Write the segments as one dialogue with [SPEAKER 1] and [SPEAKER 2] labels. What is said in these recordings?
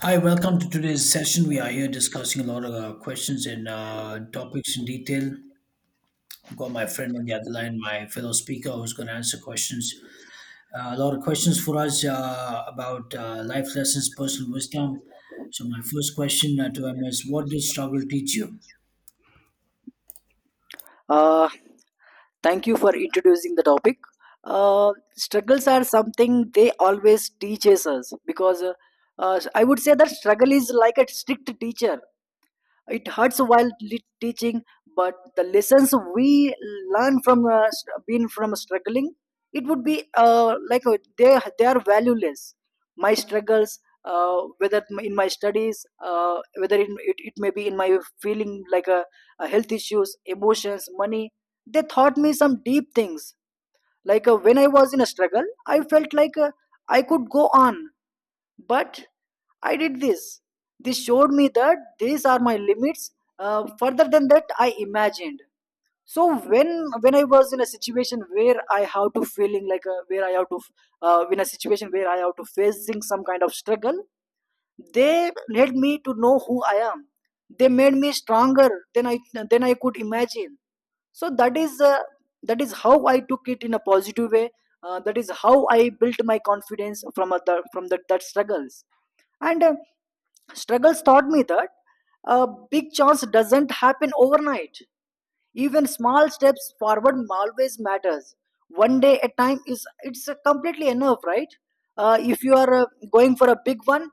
[SPEAKER 1] Hi, welcome to today's session. We are here discussing a lot of questions and topics in detail. I've got my friend on the other line, my fellow speaker, who's going to answer questions. A lot of questions for us about life lessons, personal wisdom. So, my first question to him is, what did struggle teach you?
[SPEAKER 2] Uh, Thank you for introducing the topic. Struggles are something they always teaches us because I would say that struggle is like a strict teacher. It hurts while teaching, but the lessons we learn from being from struggling, it would be they are valueless. My struggles, whether in my studies, whether in, it may be in my feeling like a health issues, emotions, money, they taught me some deep things. Like when I was in a struggle, I felt like I could go on, but I did this. This showed me that these are my limits, further than that I imagined. So when when I was in a situation where I have to feeling like a, where I have to in a situation where I have to facing some kind of struggle, they led me to know who I am. They made me stronger than I, than I could imagine. So that is how I took it in a positive way. That is how I built my confidence from other from that struggles. And struggles taught me that a big chance doesn't happen overnight. Even small steps forward always matters. One day at time is it's completely enough, right? If you are going for a big one,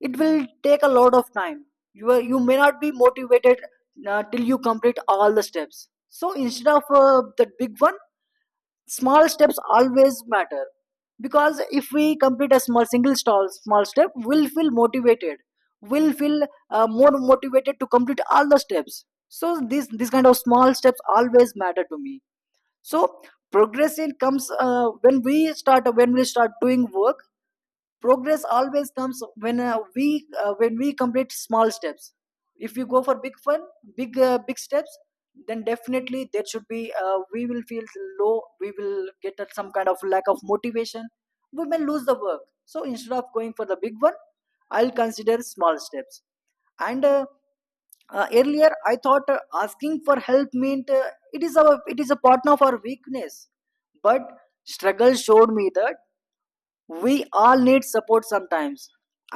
[SPEAKER 2] it will take a lot of time. You are, you may not be motivated till you complete all the steps. So instead of that big one, small steps always matter because if we complete a small single stall, small step, we'll feel motivated. We'll feel more motivated to complete all the steps, so this kind of small steps always matter to me. So progress in comes when we start, when we start doing work. Progress always comes when we when we complete small steps. If you go for big fun, big big steps, then definitely there should be, we will feel low, we will get at some kind of lack of motivation. We may lose the work, so instead of going for the big one, I'll consider small steps. And earlier I thought asking for help meant it is our, it is a partner of our weakness. But struggle showed me that we all need support sometimes,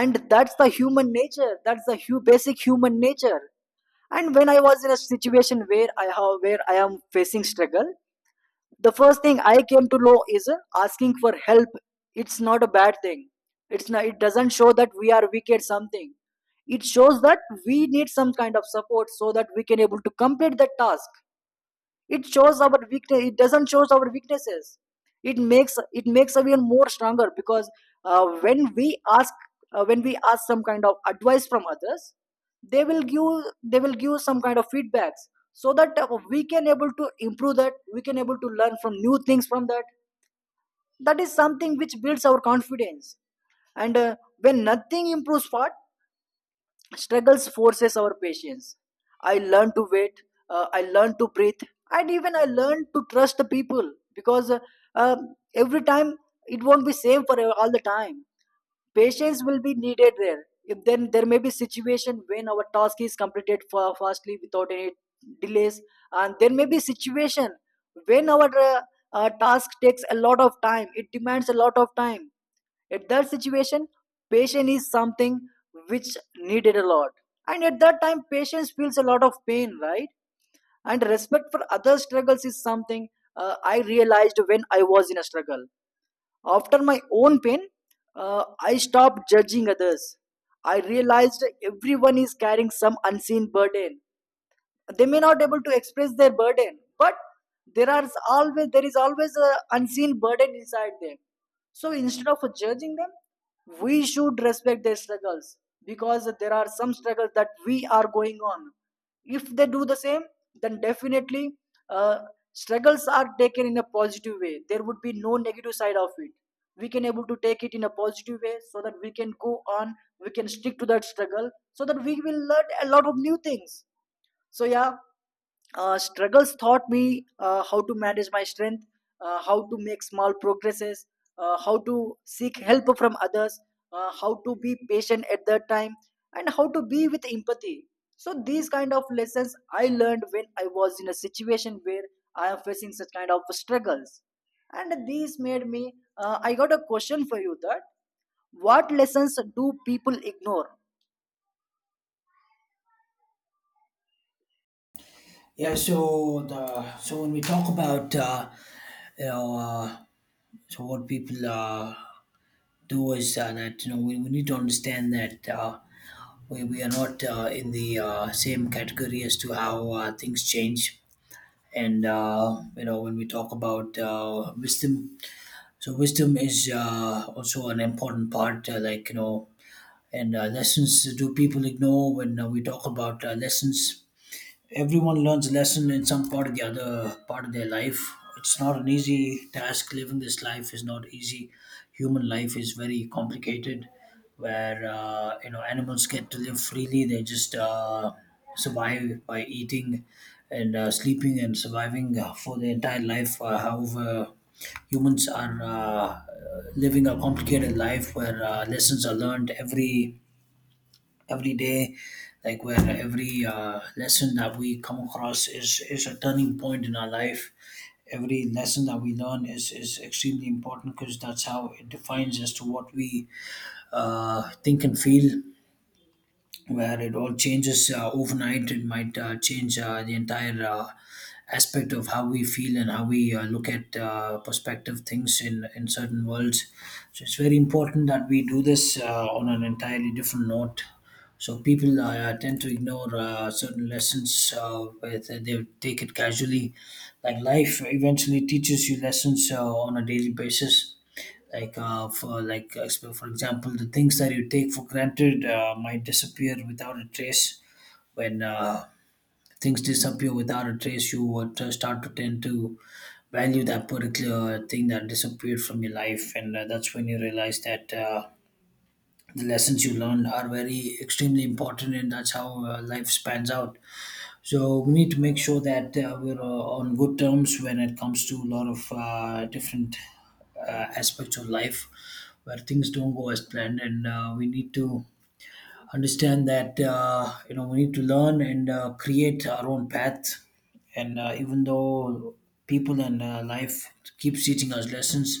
[SPEAKER 2] and that's the human nature, that's the basic human nature. And when I was in a situation where I have, where I am facing struggle, the first thing I came to know is asking for help, it's not a bad thing. It's not, it doesn't show that we are weak at something. It shows that we need some kind of support so that we can able to complete the task. It shows our weakness, it doesn't show our weaknesses. It makes, it makes us even more stronger because when we ask, when we ask some kind of advice from others, they will give, they will give some kind of feedbacks so that we can able to improve, that we can able to learn from new things from that. That is something which builds our confidence. And when nothing improves, what? Struggles forces our patience. I learn to wait, I learn to breathe, and even I learn to trust the people because every time it won't be same for all the time. Patience will be needed there. If then there may be situation when our task is completed fastly without any delays, and there may be situation when our task takes a lot of time, it demands a lot of time. At that situation, patience is something which needed a lot, and at that time patience feels a lot of pain, right? And respect for other struggles is something I realized when I was in a struggle. After my own pain, I stopped judging others. I realized everyone is carrying some unseen burden. They may not be able to express their burden, but there are, always there is always an unseen burden inside them. So instead of judging them, we should respect their struggles because there are some struggles that we are going on. If they do the same, then definitely, uh, struggles are taken in a positive way, there would be no negative side of it. We can able to take it in a positive way so that we can go on. We can stick to that struggle so that we will learn a lot of new things. So yeah, struggles taught me how to manage my strength, how to make small progresses, how to seek help from others, how to be patient at that time, and how to be with empathy. So these kind of lessons I learned when I was in a situation where I am facing such kind of struggles, and these made me. I got a question for you that what lessons do people ignore?
[SPEAKER 1] So when we talk about you know, uh, what people do is that, you know, we need to understand that we are not in the same category as to how things change, and, you know, when we talk about wisdom, so wisdom is also an important part, like, you know. And lessons do people ignore? When we talk about lessons, everyone learns a lesson in some part of the other part of their life. It's not an easy task. Living this life is not easy. Human life is very complicated, where, you know, animals get to live freely. They just survive by eating and sleeping and surviving for their entire life. However, humans are living a complicated life, where lessons are learned every day, like, where every lesson that we come across is a turning point in our life. Every lesson that we learn is extremely important, because that's how it defines as to what we think and feel, where it all changes overnight. It might change the entire aspect of how we feel and how we look at perspective things in certain worlds. So it's very important that we do this on an entirely different note. So people tend to ignore certain lessons. They take it casually. Like, life eventually teaches you lessons on a daily basis, like, for like so for example, the things that you take for granted might disappear without a trace. When things disappear without a trace, you would start to tend to value that particular thing that disappeared from your life, and that's when you realize that the lessons you learned are very extremely important, and that's how life spans out. So we need to make sure that we're on good terms when it comes to a lot of different uh, aspects of life, where things don't go as planned, and we need to understand that, you know, we need to learn and create our own path. And even though people and life keeps teaching us lessons,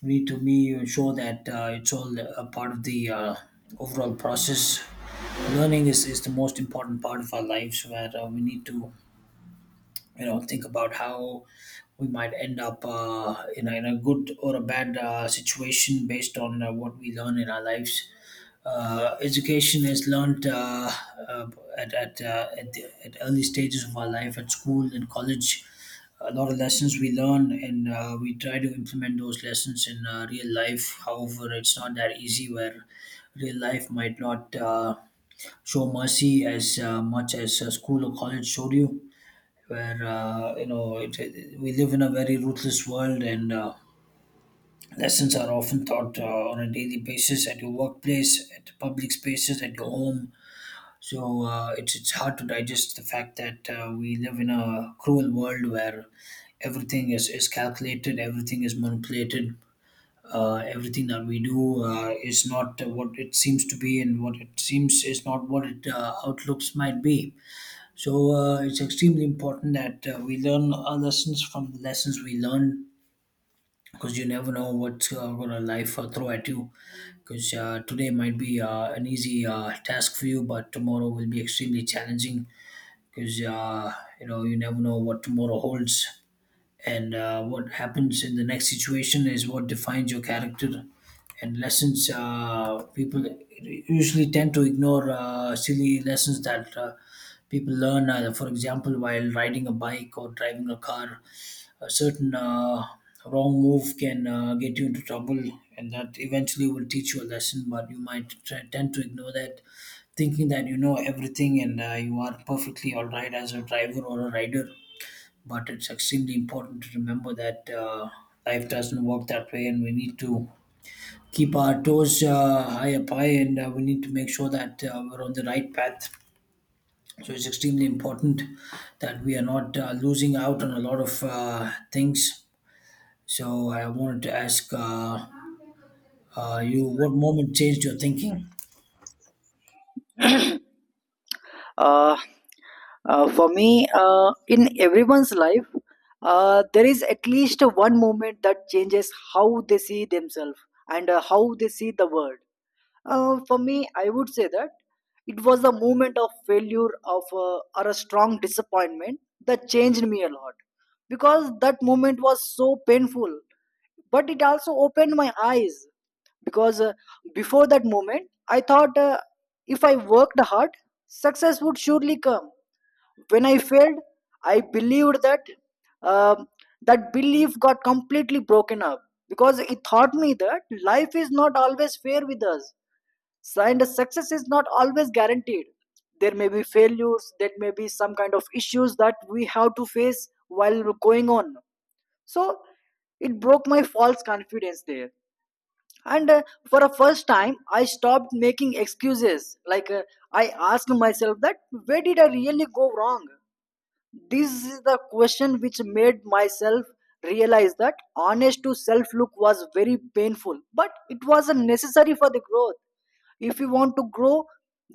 [SPEAKER 1] we need to be sure that it's all a part of the overall process. Learning is the most important part of our lives, where we need to, you know, think about how we might end up in a good or a bad situation based on what we learn in our lives. Education is learned uh, at early stages of our life at school and college. A lot of lessons we learn, and we try to implement those lessons in real life. However, it's not that easy, where real life might not show mercy as much as school or college showed you, where, you know, we live in a very ruthless world, and lessons are often taught on a daily basis, at your workplace, at public spaces, at your home. So it's hard to digest the fact that we live in a cruel world, where everything is calculated, everything is manipulated. Everything that we do is not what it seems to be, and what it seems is not what it outlooks might be. So it's extremely important that we learn our lessons from the lessons we learn, because you never know what gonna life throw at you. Because today might be an easy task for you, but tomorrow will be extremely challenging, because you know, you never know what tomorrow holds. And what happens in the next situation is what defines your character. And lessons people usually tend to ignore silly lessons that people learn, for example, while riding a bike or driving a car, a certain wrong move can get you into trouble, and that eventually will teach you a lesson, but you might tend to ignore that, thinking that you know everything, and you are perfectly all right as a driver or a rider. But it's extremely important to remember that life doesn't work that way, and we need to keep our toes high, and we need to make sure that we're on the right path. So it's extremely important that we are not losing out on a lot of things. So I wanted to ask you, what moment changed your thinking?
[SPEAKER 2] Uh, for me, in everyone's life, there is at least one moment that changes how they see themselves and how they see the world. For me, I would say that it was the moment of failure of or a strong disappointment that changed me a lot, because that moment was so painful, but it also opened my eyes. Because before that moment I thought, if I worked hard, success would surely come. When I failed, I believed that, um, that belief got completely broken up because it taught me that life is not always fair with us and success is not always guaranteed. There may be failures, there may be some kind of issues that we have to face while going on. So it broke my false confidence there. And for a first time I stopped making excuses. Like I asked myself that where did I really go wrong. This is the question which made myself realize that honest to self look was very painful, but it was necessary for the growth. If you want to grow,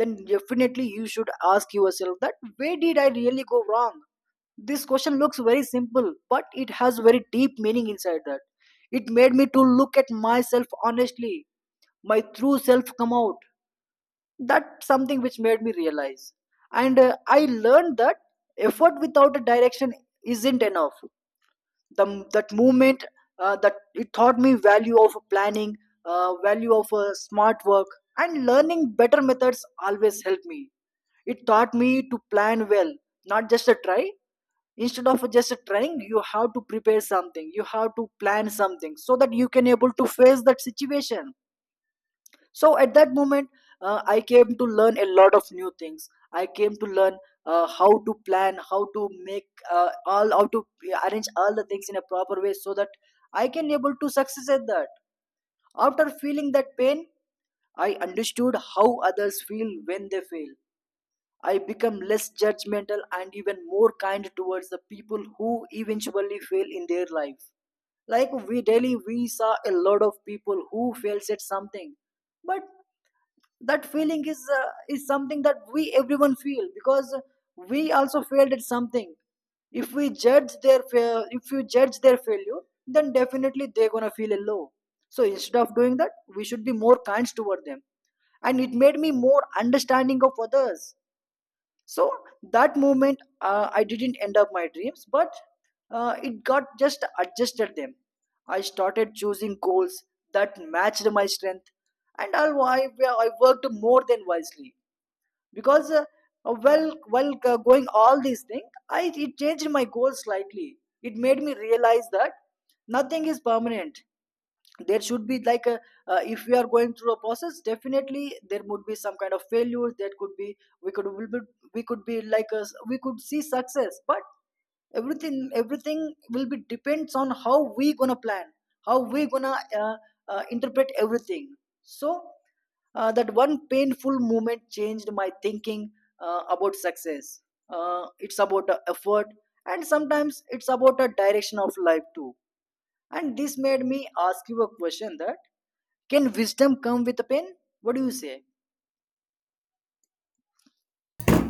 [SPEAKER 2] then definitely you should ask yourself that where did I really go wrong. This question looks very simple, but it has very deep meaning inside that. It made me to look at myself honestly. My true self come out. That's something which made me realize. And I learned that effort without a direction isn't enough. The, that movement, that it taught me value of planning, value of smart work, and learning better methods always helped me. It taught me to plan well, not just a try. Instead of just trying, you have to prepare something, you have to plan something so that you can able to face that situation. So at that moment, I came to learn a lot of new things. I came to learn how to plan, how to make all, how to arrange all the things in a proper way so that I can able to success at that. After feeling that pain, I understood how others feel when they fail. I become less judgmental and even more kind towards the people who eventually fail in their life. Like we daily we saw a lot of people who fails at something, but that feeling is something that we everyone feel because we also failed at something. If we judge their if you judge their failure, then definitely they're gonna feel a low. So instead of doing that, we should be more kind toward them. And it made me more understanding of others. So that moment, I didn't end up my dreams, but it got just adjusted them. I started choosing goals that matched my strength, and I worked more than wisely because while going all these things, I, it changed my goals slightly. It made me realize that nothing is permanent. There should be like a, if we are going through a process, definitely there would be some kind of failures. That could be, we could be like a, we could see success, but everything will be depends on how we gonna plan, how we gonna uh, interpret everything. So that one painful moment changed my thinking about success. It's about the effort, and sometimes it's about the direction of life too. And this made me ask you a question that can wisdom come with a pen? What do you say?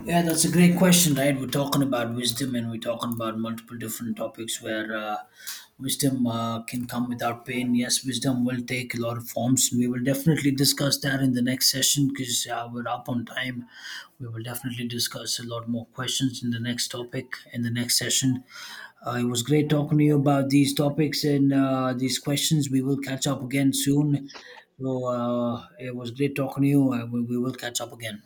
[SPEAKER 1] Yeah, that's a great question, right? We're talking about wisdom, and we're talking about multiple different topics, where wisdom can come without pain. Yes, wisdom will take a lot of forms. And We will definitely discuss that in the next session, because we're up on time. We will definitely discuss a lot more questions in the next topic in the next session. It was great talking to you about these topics and these questions. We will catch up again soon. So it was great talking to you. We will catch up again.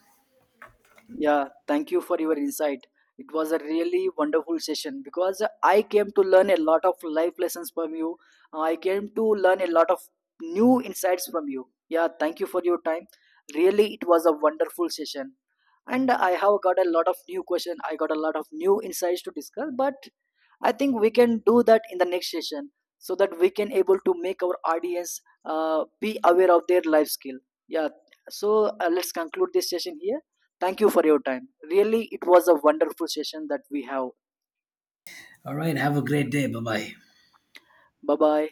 [SPEAKER 2] Yeah, thank you for your insight. It was a really wonderful session because I came to learn a lot of life lessons from you. I came to learn a lot of new insights from you. Yeah, thank you for your time. Really, it was a wonderful session. And I have got a lot of new questions. I got a lot of new insights to discuss, but I think we can do that in the next session so that we can able to make our audience be aware of their life skill. Yeah, so let's conclude this session here. Thank you for your time. Really, it was a wonderful session that we have.
[SPEAKER 1] All right. Have a great day. Bye bye.
[SPEAKER 2] Bye bye.